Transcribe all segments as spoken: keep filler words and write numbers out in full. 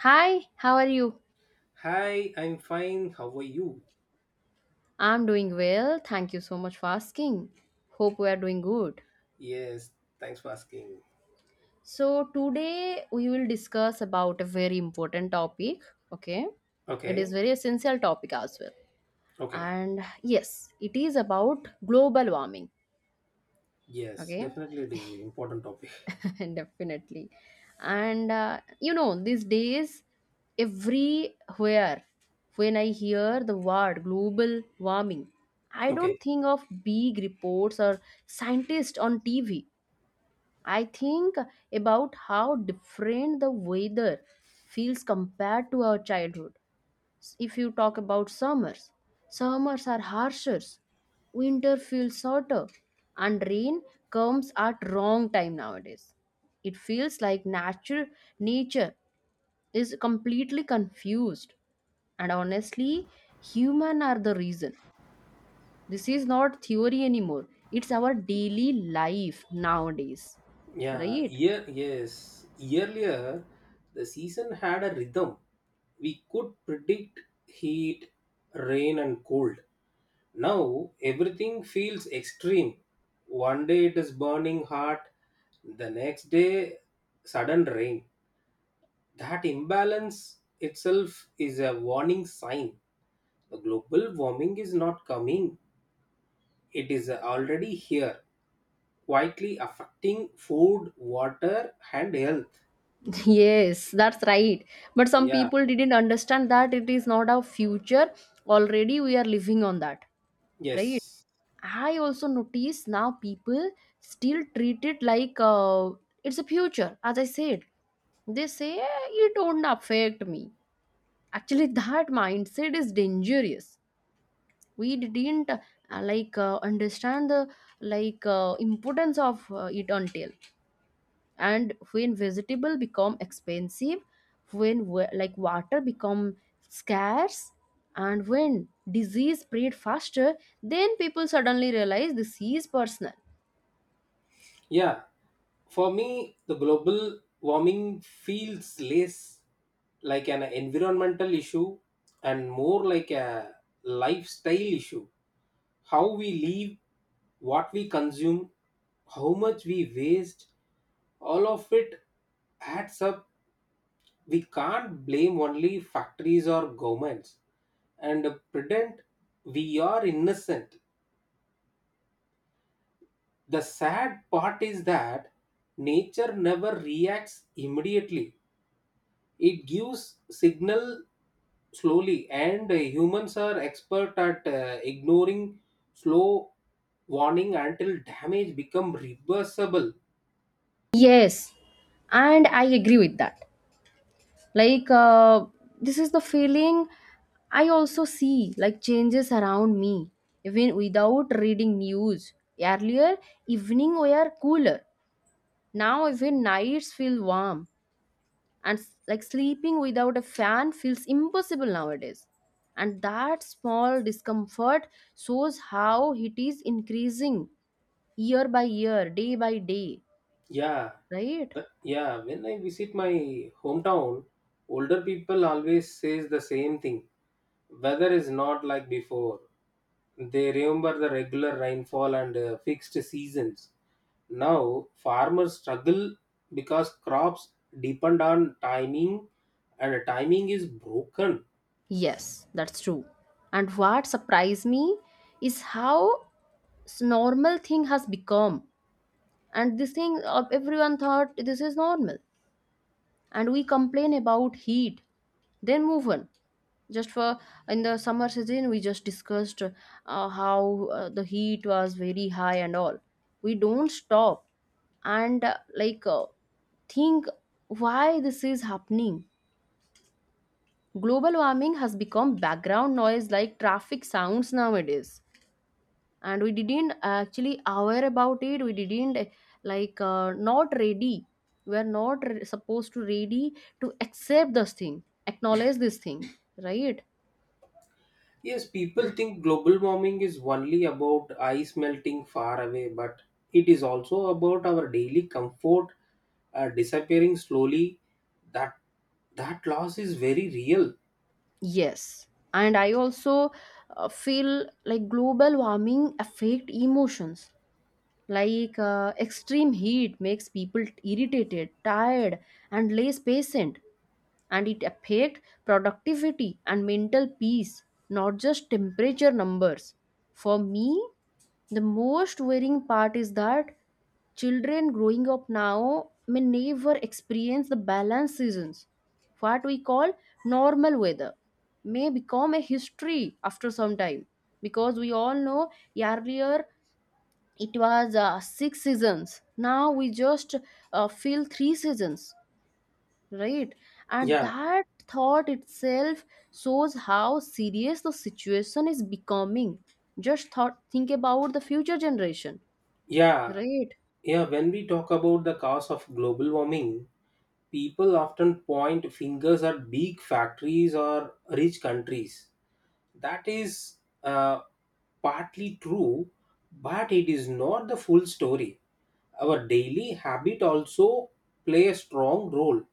Hi, how are you? Hi, I'm fine. How are you? I'm doing well. Thank you so much for asking. Hope we are doing good. Yes, thanks for asking. So, today we will discuss about a very important topic, okay? It is Okay, very essential topic as well. okay. And yes, it is about global warming, Yes, okay? definitely it is an important topic. definitely. And uh, you know, these days, everywhere, when I hear the word global warming, I don't Okay, think of big reports or scientists on T V. I think about how different the weather feels compared to our childhood. If you talk about summers, summers are harsher, winter feels shorter, and rain comes at wrong time nowadays. It feels like nature nature is completely confused, and honestly, human are the reason. This is not theory anymore, it's our daily life nowadays, yeah, right? year, yes. Earlier, the season had a rhythm. We could predict heat, rain, and cold. Now, everything feels extreme. One day it is burning hot, the next day, sudden rain. That imbalance itself is a warning sign. Global warming is not coming, it is already here, quietly affecting food, water, and health. Yes, that's right. But some Yeah, people didn't understand that it is not our future. Already we are living on that, right? yes. I also notice now people still treat it like uh, it's a future. As I said, they say "Eh, it won't affect me." Actually, that mindset is dangerous. We didn't uh, like uh, Understand the like uh, importance of uh, it, until and when vegetable become expensive, when wa- like water become scarce, and when disease spread faster, then people suddenly realize this is personal. Yeah, for me, the global warming feels less like an environmental issue and more like a lifestyle issue. How we live, what we consume, how much we waste, all of it adds up. We can't blame only factories or governments and pretend we are innocent. The sad part is that nature never reacts immediately. It gives signal slowly, and uh, humans are expert at uh, ignoring slow warning until damage become reversible. Yes, and I agree with that. like uh, this is the feeling. I also see like changes around me even without reading news. Earlier evening were cooler, now even nights feel warm, and s- like sleeping without a fan feels impossible nowadays, and that small discomfort shows how it is increasing year by year, day by day, Yeah, right? but- yeah. When I visit my hometown, older people always says the same thing. Weather is not like before. They remember the regular rainfall and uh, fixed seasons. Now, farmers struggle because crops depend on timing and timing is broken. Yes, that's true. And what surprised me is how s- normal thing has become, and this thing, uh, everyone thought this is normal, and we complain about heat then move on. Just for, in the summer season we just discussed uh, how uh, the heat was very high and all, we don't stop and uh, like uh, think why this is happening. Global warming has become background noise like traffic sounds nowadays, and we didn't actually aware about it. We didn't uh, like uh, Not ready, we are not re- supposed to ready to accept this thing, acknowledge this thing, right? Yes, people think global warming is only about ice melting far away, but it is also about our daily comfort uh, disappearing slowly. That that loss is very real. Yes, and I also uh, feel like global warming affect emotions. Like uh, extreme heat makes people irritated, tired, and less patient, and it affect productivity and mental peace, not just temperature numbers. For me, the most worrying part is that children growing up now may never experience the balanced seasons. What we call normal weather may become a history after some time, because we all know earlier it was uh, six seasons, now we just uh, feel three seasons, right? And Yeah, that thought itself shows how serious the situation is becoming. Just thought think about the future generation, yeah, right? yeah, when we talk about the cause of global warming, people often point fingers at big factories or rich countries. That is uh, partly true, but it is not the full story. Our daily habit also play a strong role.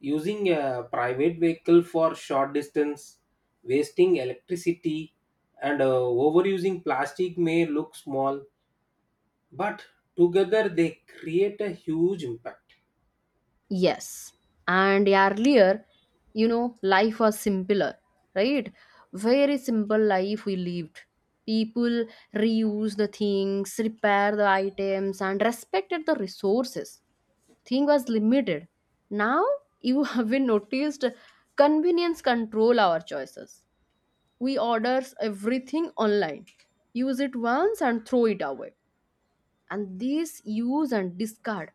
Using a private vehicle for short distance, wasting electricity, and uh, overusing plastic may look small, but together they create a huge impact. Yes, and earlier, you know, life was simpler, right? Very simple life we lived. People reused the things, repair the items, and respected the resources. Thing was limited. Now you have been noticed convenience control our choices. We orders everything online, use it once and throw it away, and this use and discard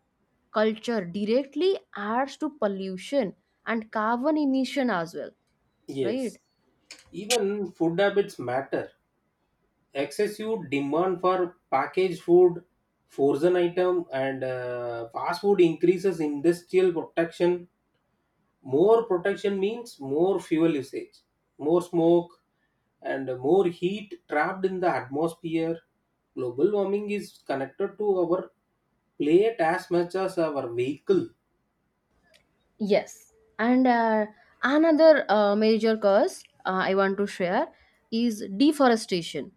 culture directly adds to pollution and carbon emission as well, right? Yes, even food habits matter. Excessive demand for packaged food, frozen item, and uh, fast food increases industrial protection. More protection means more fuel usage, more smoke, and more heat trapped in the atmosphere. Global warming is connected to our plate as much as our vehicle. Yes, and uh, another uh, major cause uh, I want to share is deforestation.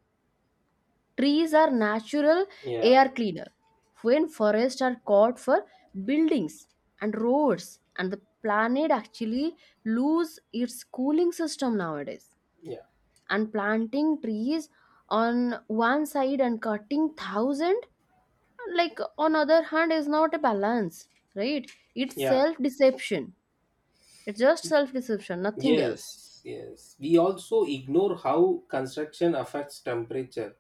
Trees are natural Yeah, air cleaner. When forests are cut for buildings and roads, and the planet actually lose its cooling system nowadays. yeah, And planting trees on one side and cutting thousand, like on other hand, is not a balance, right? It's yeah. self deception. It's just self deception, nothing else. Yes, yes. We also ignore how construction affects temperature.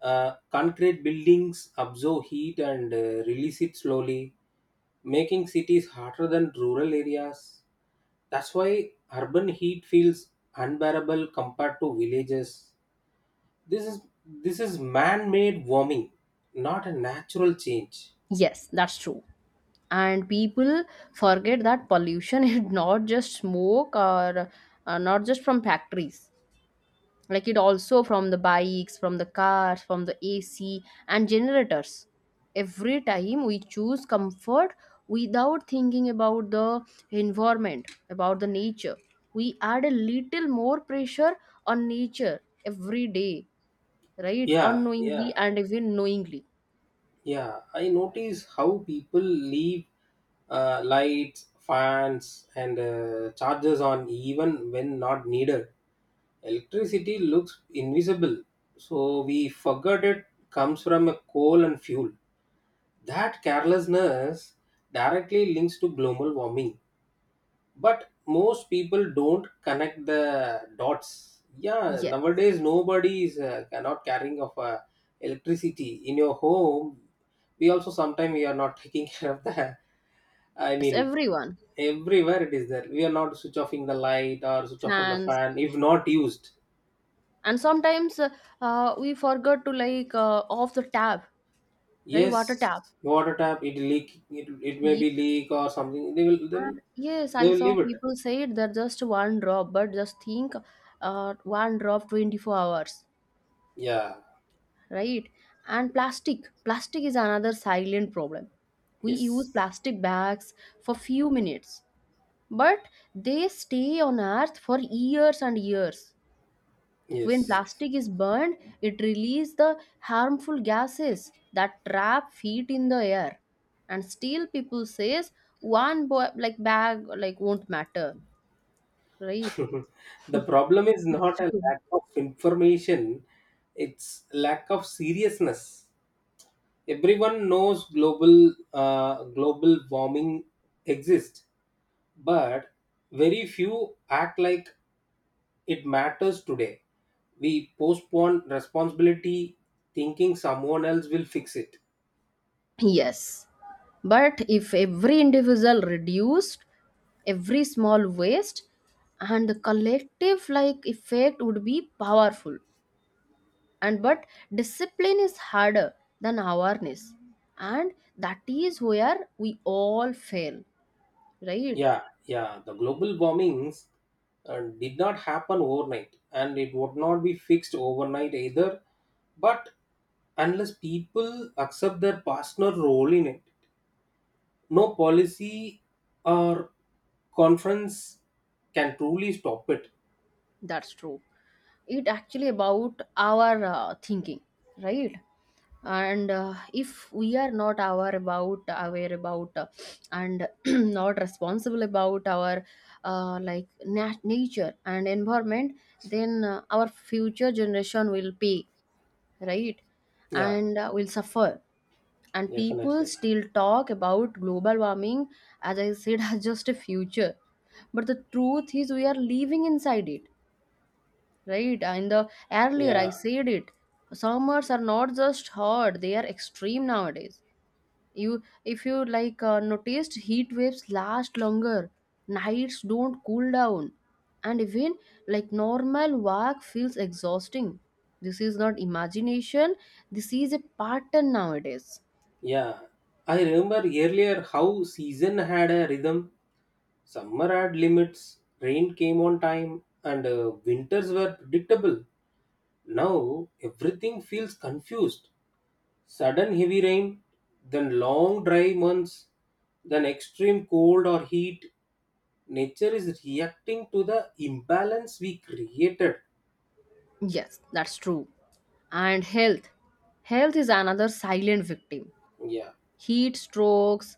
Uh, concrete buildings absorb heat and uh, release it slowly, making cities hotter than rural areas. That's why urban heat feels unbearable compared to villages. This is this is man-made warming, not a natural change. Yes, that's true. And people forget that pollution is not just smoke, or uh, not just from factories, like it also from the bikes, from the cars, from the ac and generators. Every time we choose comfort without thinking about the environment, about the nature, we add a little more pressure on nature every day, right? Yeah, yeah. Unknowingly and even knowingly. Yeah, I notice how people leave uh, lights, fans, and uh, chargers on even when not needed. Electricity looks invisible, so we forget it comes from a coal and fuel. That carelessness directly links to global warming, but most people don't connect the dots. Yeah, Yes, nowadays nobody is uh, not carrying of uh, electricity in your home. We also sometimes we are not taking care of the, I yes, mean, everyone, everywhere it is there. We are not switch offing the light or switch off on the fans. fan if not used. And sometimes uh, uh, we forgot to like uh, off the tap, right? Yes, Water tap, water tap it leak it, it may yeah. be leak or something. they will they will And yes, I they will saw leave it. people say it that just one drop, but just think, uh, one drop twenty-four hours, Yeah, right? And plastic plastic is another silent problem. We use yes, plastic bags for few minutes, but they stay on earth for years and years. When yes. plastic is burned, it releases the harmful gases that trap heat in the air. And still, people says one bo- like bag like won't matter, right? The problem is That's not a true. lack of information, it's lack of seriousness. Everyone knows global uh, global warming exists, but very few act like it matters today. We postpone responsibility, thinking someone else will fix it. Yes, but if every individual reduced every small waste, and the collective like effect would be powerful. And but discipline is harder than awareness, and that is where we all fail, right? Yeah, yeah, the global warmings uh, did not happen overnight and it would not be fixed overnight either, but unless people accept their partner role in it, no policy or conference can truly stop it. That's true. It actually about our uh, thinking, right? And uh, if we are not aware about, aware about uh, and not responsible about our uh, like nat- nature and environment, then uh, our future generation will pay, right? Yeah, And uh, will suffer. And people definitely. still talk about global warming, as I said, as just a future, but the truth is we are living inside it, right? In the earlier Yeah, I said it. Summers are not just hot, they are extreme nowadays. You, if you like uh, noticed, heat waves last longer, nights don't cool down, and even like normal work feels exhausting. This is not imagination, this is a pattern nowadays. yeah. I remember earlier how season had a rhythm. Summer had limits, rain came on time, and uh, winters were predictable. Now everything feels confused. Sudden heavy rain, then long dry months, then extreme cold or heat, nature is reacting to the imbalance we created. Yes, that's true. And health. Health is another silent victim. Yeah, Heat strokes,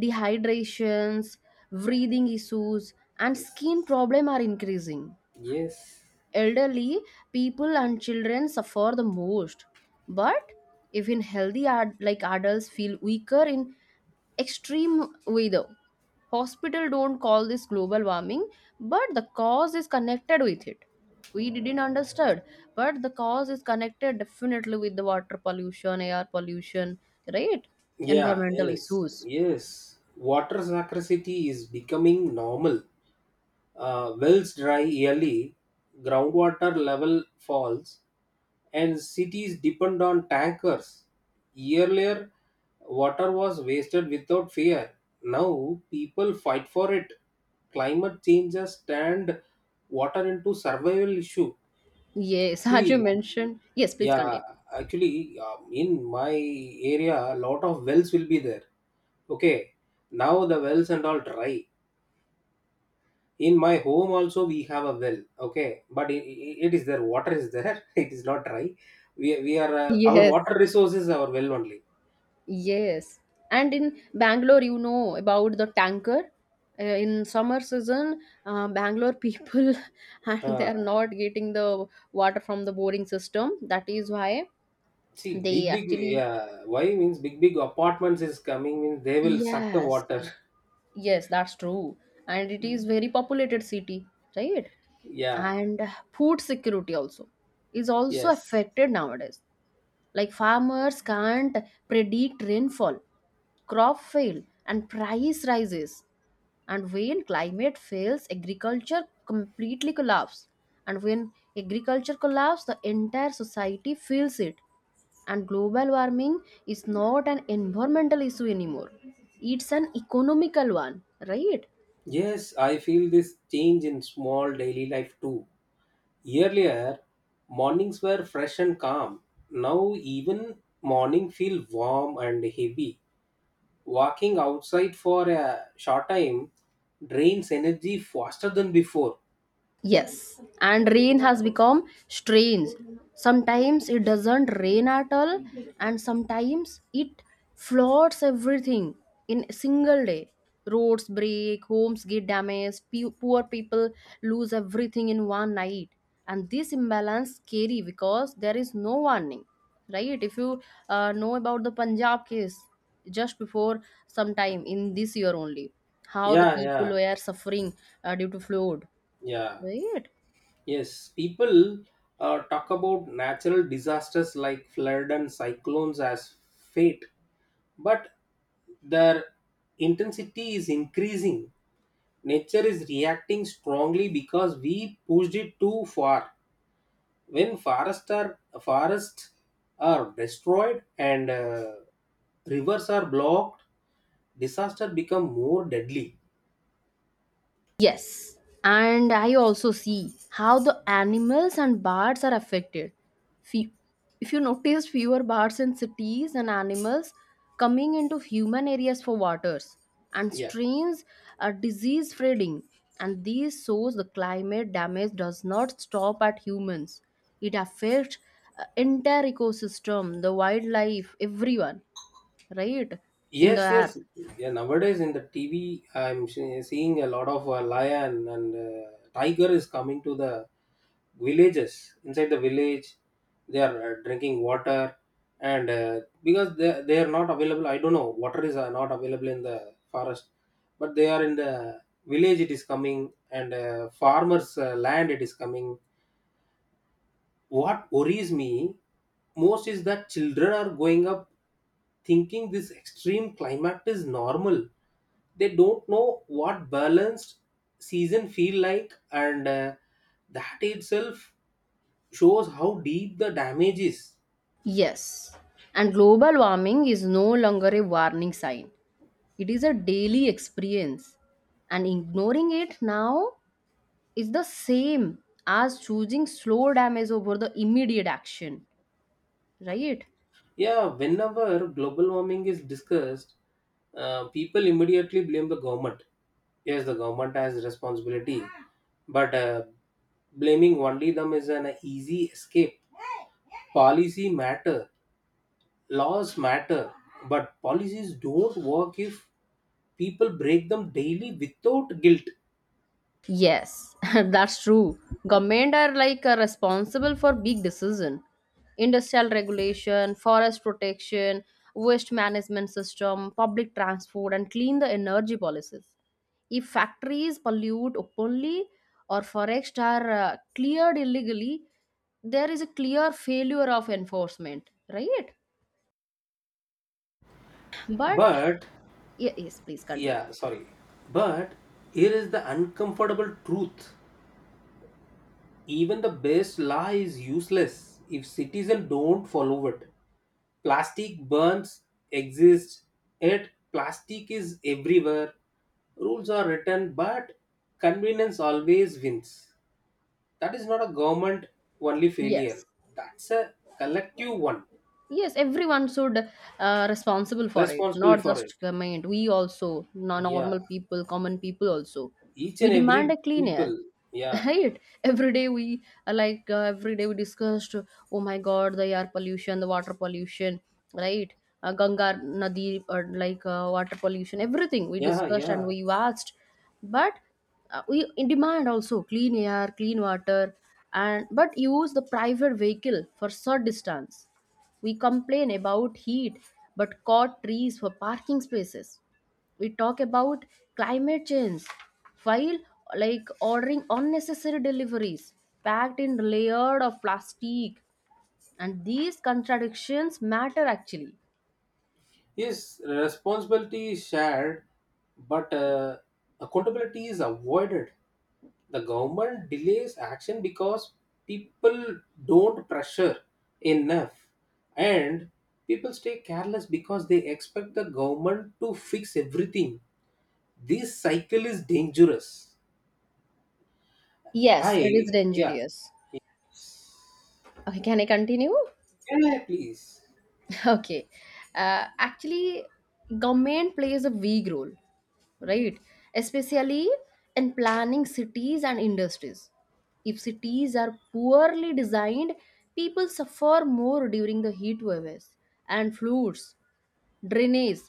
dehydrations, breathing issues, and yes, skin problem are increasing. yes. Elderly people and children suffer the most, but even healthy ad- like adults feel weaker in extreme weather. Hospital don't call this global warming, but the cause is connected with it. We didn't understand, but the cause is connected definitely with the water pollution, air pollution, right? Yeah, Environmental yes, issues. yes. Water scarcity is becoming normal. Uh, wells dry yearly, groundwater level falls, and cities depend on tankers. Earlier, water was wasted without fear, now people fight for it. Climate change has turned water into survival issue. Yes, as you See, mentioned, yes, please yeah, continue. actually, um, in my area, a lot of wells will be there. Okay, now the wells and all dry. In my home also, we have a well. Okay, but it, it is there. Water is there. It is not dry. We we are uh, our Yes. water resource is our well only. Yes, and in Bangalore, you know about the tanker. Uh, in summer season, uh, Bangalore people and they Uh, are not getting the water from the boring system. That is why see, they big big, actually, yeah. Why means big big apartments is coming means they will suck the yes, water. yes, that's true. And it is very populated city, right? Yeah. And food security also is also Yes. affected nowadays. Like farmers can't predict rainfall, crop fail and price rises, and when climate fails agriculture completely collapses, and when agriculture collapses the entire society feels it. And global warming is not an environmental issue anymore, it's an economical one, right? Yes, I feel this change in small daily life too. Earlier, mornings were fresh and calm. Now even morning feel warm and heavy. Walking outside for a short time drains energy faster than before. Yes, and rain has become strange. Sometimes it doesn't rain at all, and sometimes it floods everything in a single day. Roads break, homes get damaged, pe- poor people lose everything in one night. And this imbalance scary because there is no warning, right? If you uh, know about the Punjab case just before some time in this year only, how the Yeah, people yeah, were suffering uh, due to flood. yeah. Right? Yes, people uh, talk about natural disasters like flood and cyclones as fate, but their intensity is increasing. Nature is reacting strongly because we pushed it too far. When forests are forests are destroyed and uh, rivers are blocked, disaster become more deadly. Yes. And I also see how the animals and birds are affected. Fe- If you notice fewer birds in cities and animals coming into human areas for waters and Yeah. streams are disease spreading, and these shows the climate damage does not stop at humans. It affects uh, entire ecosystem, the wildlife, everyone, right? In the Yes, air. yes. Yeah, nowadays in the T V, I'm se- seeing a lot of uh, lion and uh, tiger is coming to the villages. Inside the village, they are uh, drinking water, and uh, because they they are not available, I don't know. Water is uh, not available in the forest, but they are in the village. It is coming, and uh, farmers' uh, land. It is coming. What worries me most is that children are going up thinking this extreme climate is normal. They don't know what balanced season feel like, and uh, that itself shows how deep the damage is. Yes, and global warming is no longer a warning sign. It is a daily experience. And ignoring it now is the same as choosing slow damage over the immediate action, right? Yeah, whenever global warming is discussed, uh, people immediately blame the government. Yes, the government has responsibility, but uh, blaming only them is an easy escape. Policy matter, laws matter, but policies don't work if people break them daily without guilt. Yes, that's true. Government are like uh, responsible for big decision, industrial regulation, forest protection, waste management system, public transport, and clean the energy policies. If factories pollute openly or forests are uh, cleared illegally, there is a clear failure of enforcement, right? But But ye- yes, please continue. yeah, sorry, but here is the uncomfortable truth. Even the best law is useless if citizens don't follow it. Plastic burns exist, yet plastic is everywhere. Rules are written, but convenience always wins. That is not a government only failure, Yes. that's a collective one. Yes, everyone should uh, responsible for it, Responsible not for it. just government, we also no- Yeah, normal people, common people also. each We and every demand a clean people. air, Yeah, right? Every day we, uh, like uh, every day we discussed, oh my god, the air pollution, the water pollution, right? uh, Ganga nadi, or like uh, water pollution, everything we yeah, discussed and yeah. we watched. But uh, we in demand also clean air, clean water, and but use the private vehicle for short distance. We complain about heat but cut trees for parking spaces. We talk about climate change while like ordering unnecessary deliveries packed in layered of plastic, and these contradictions matter actually. Yes, responsibility is shared, but uh, accountability is avoided. The government delays action because people don't pressure enough, and people stay careless because they expect the government to fix everything. This cycle is dangerous. Yes, it is I, yeah. dangerous. Okay, can I continue? Yeah, please. Okay. Uh, actually, government plays a big role, right? Especially in planning cities and industries. If cities are poorly designed, people suffer more during the heat waves and floods. Drainage,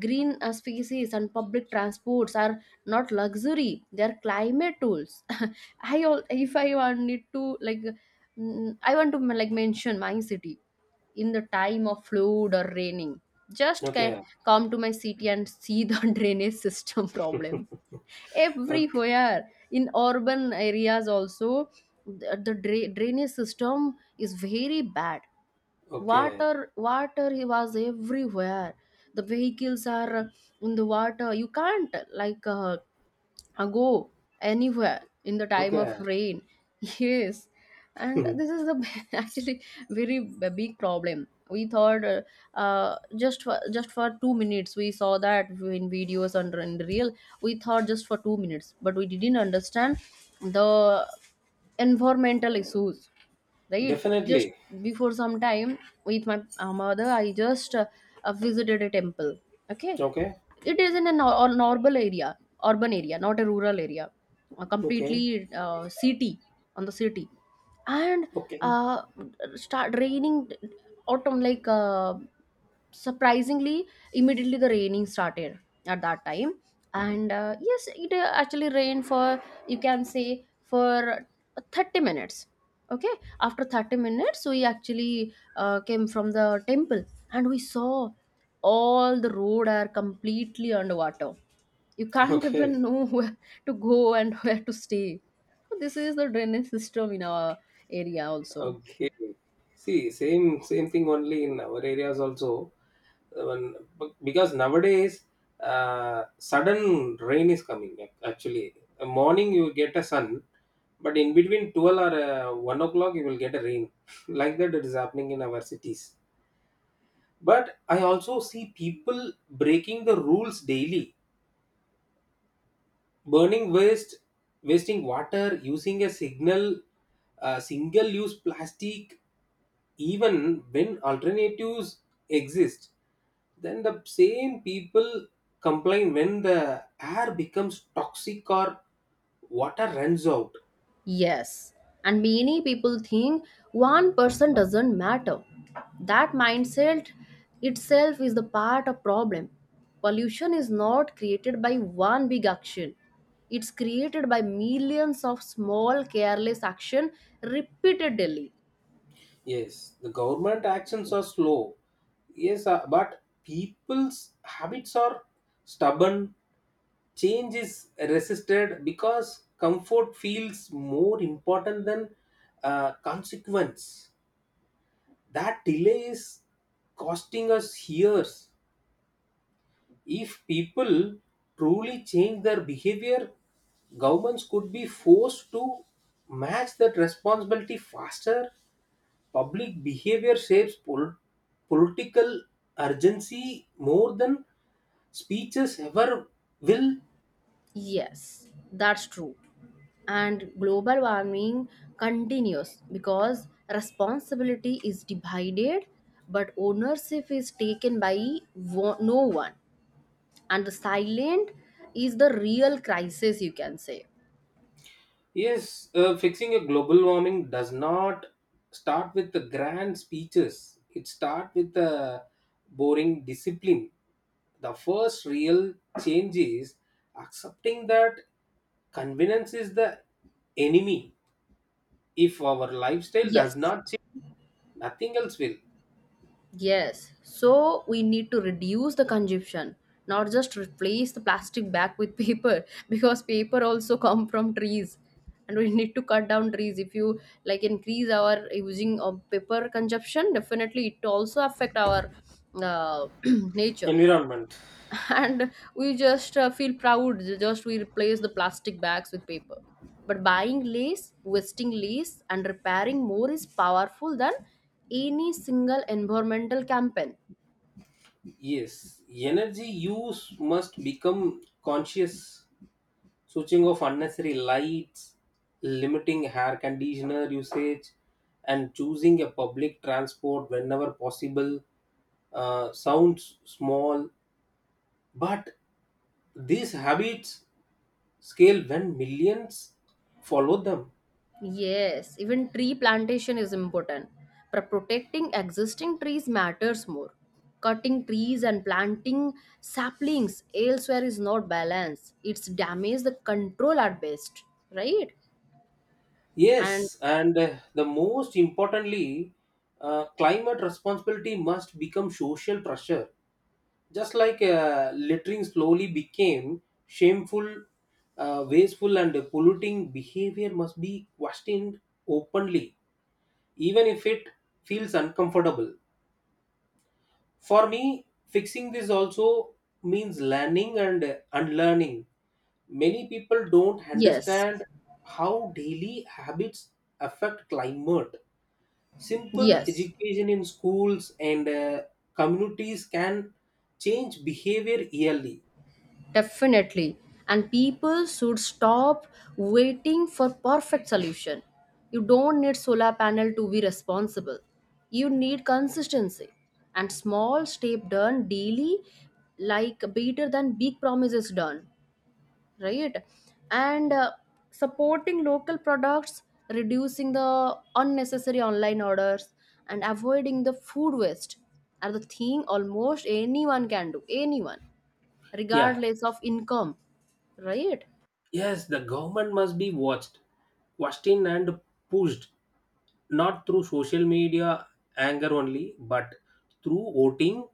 green uh, spaces, and public transports are not luxury; they are climate tools. I all if I want need to like, mm, I want to like mention my city in the time of flood or raining. Just Okay, ca- Come to my city and see the drainage system problem okay, everywhere in urban areas also. The, the dra- drainage system is very bad. okay, Water water it was everywhere. The vehicles are in the water. You can't like uh, uh, go anywhere in the time of okay. rain. Yes, and this is the actually very b- big problem. We thought uh, uh, just for just for two minutes. We saw that in videos and in real. We thought just for two minutes, but we didn't understand the environmental issues. Right, just Definitely. before some time with my uh, mother, I just uh, uh, visited a temple. Okay, Okay, it is in a nor- or normal area, urban area, not a rural area, a okay, completely uh, city, on the city. And okay, uh, start raining. Autumn, like uh, surprisingly, immediately the raining started at that time. And uh, yes, it uh, actually rained for, you can say, for thirty minutes. Okay, after thirty minutes, we actually uh, came from the temple and we saw all the road are completely underwater. You can't okay, even know where to go and where to stay. So this is the drainage system in our area also. okay. See, same same thing only in our areas also. Uh, When, be- because nowadays, uh, sudden rain is coming. ac- Actually, Uh, morning you get a sun, but in between twelve or uh, one o'clock you will get a rain. Like that, it is happening in our cities. But I also see people breaking the rules daily, burning waste, wasting water, using a signal uh, single use plastic even when alternatives exist. Then the same people complain when the air becomes toxic or water runs out. Yes, and many people think one person doesn't matter. That mindset itself is the part of problem. Pollution is not created by one big action. It's created by millions of small careless action repeated daily. Yes, the government actions are slow. Yes, uh, but people's habits are stubborn. Change is resisted because comfort feels more important than uh, consequence. That delay is costing us years. If people truly change their behavior, governments could be forced to match that responsibility faster. Public behavior shapes pol- political urgency more than speeches ever will. Yes, that's true. And global warming continues because responsibility is divided, but ownership is taken by wo- no one. And the silent is the real crisis, you can say. Yes, uh, fixing a global warming does not start with the grand speeches. It starts with the boring discipline. The first real change is accepting that convenience is the enemy. If our lifestyle does Yes. not change, nothing else will. Yes, so we need to reduce the consumption, not just replace the plastic bag with paper, because paper also come from trees and we need to cut down trees. If you like increase our using of paper consumption, definitely it also affect our uh, nature. Environment. And we just uh, feel proud just we replace the plastic bags with paper, but buying lace, wasting lace, and repairing more is powerful than any single environmental campaign. Yes, energy use must become conscious. Switching off unnecessary lights, limiting hair conditioner usage, and choosing a public transport whenever possible uh, sounds small, but these habits scale when millions follow them. Yes, even tree plantation is important, but protecting existing trees matters more. Cutting trees and planting saplings elsewhere is not balanced, it's damage the control at best, right? And Yes, and uh, the most importantly, uh, climate responsibility must become social pressure, just like uh, littering slowly became shameful. Uh, wasteful and polluting behavior must be questioned openly, even if it feels uncomfortable. For me, fixing this also means learning and unlearning. Many people don't yes. understand how daily habits affect climate. Simple Yes. education in schools and uh, communities can change behavior yearly. Definitely. And people should stop waiting for perfect solution. You don't need solar panel to be responsible. You need consistency, and small step done daily like better than big promises done, right? And uh, supporting local products, reducing the unnecessary online orders, and avoiding the food waste are the thing almost anyone can do, anyone, Yeah. regardless of income. Right. Yes, the government must be watched, questioned, and pushed, not through social media anger only, but through voting,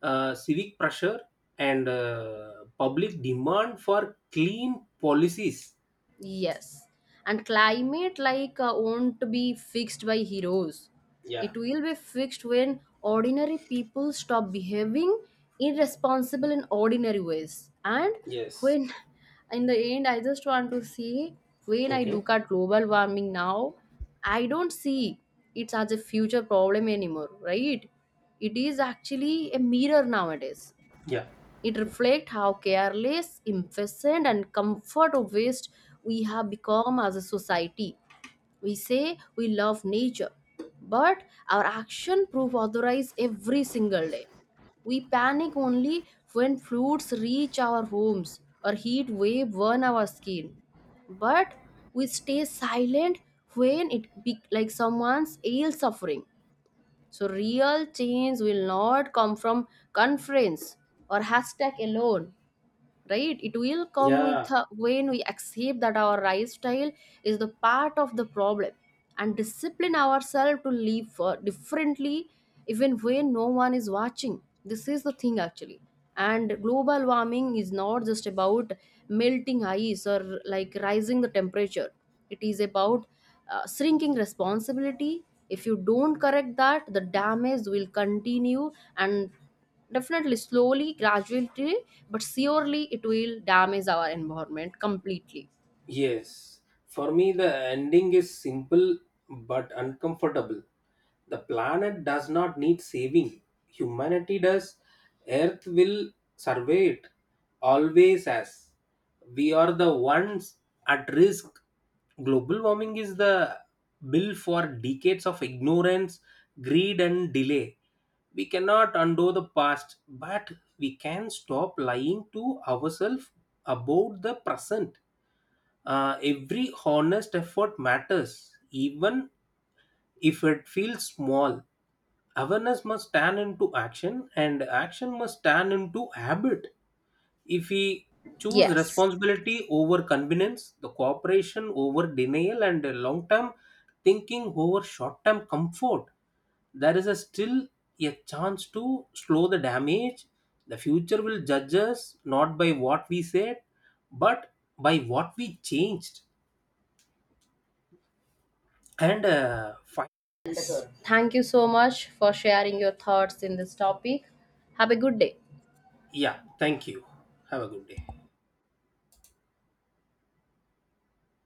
uh, civic pressure, and uh, public demand for clean policies. Yes. And climate like uh, won't be fixed by heroes. Yeah, It will be fixed when ordinary people stop behaving irresponsible in ordinary ways. And yes. when in the end I just want to say, when I Okay. look at global warming now, I don't see it as a future problem anymore, right? It is actually a mirror nowadays. Yeah, It reflects how careless, impatient, and comfort obsessed we have become as a society. We say we love nature, but our action prove otherwise every single day. We panic only when fruits reach our homes or heat wave burn our skin. But we stay silent when it be like someone's ill suffering. So real change will not come from conference or hashtag alone, right? It will come with yeah. uh, when we accept that our lifestyle is the part of the problem and discipline ourselves to live uh, differently, even when no one is watching. This is the thing actually. And global warming is not just about melting ice or like rising the temperature. It is about uh, shrinking responsibility. If you don't correct that, the damage will continue. And definitely, slowly, gradually, but surely it will damage our environment completely. Yes, for me, the ending is simple but uncomfortable. The planet does not need saving, humanity does. Earth will survey it, always as. We are the ones at risk. Global warming is the bill for decades of ignorance, greed, and delay. We cannot undo the past, but we can stop lying to ourselves about the present. Uh, every honest effort matters, even if it feels small. Awareness must turn into action, and action must turn into habit. If we choose Yes. responsibility over convenience, the cooperation over denial, and long term thinking over short term comfort, there is a still a chance to slow the damage. The future will judge us not by what we said, but by what we changed. And uh, fi- Thank you so much for sharing your thoughts in this topic. Have a good day. yeah, thank you. Have a good day.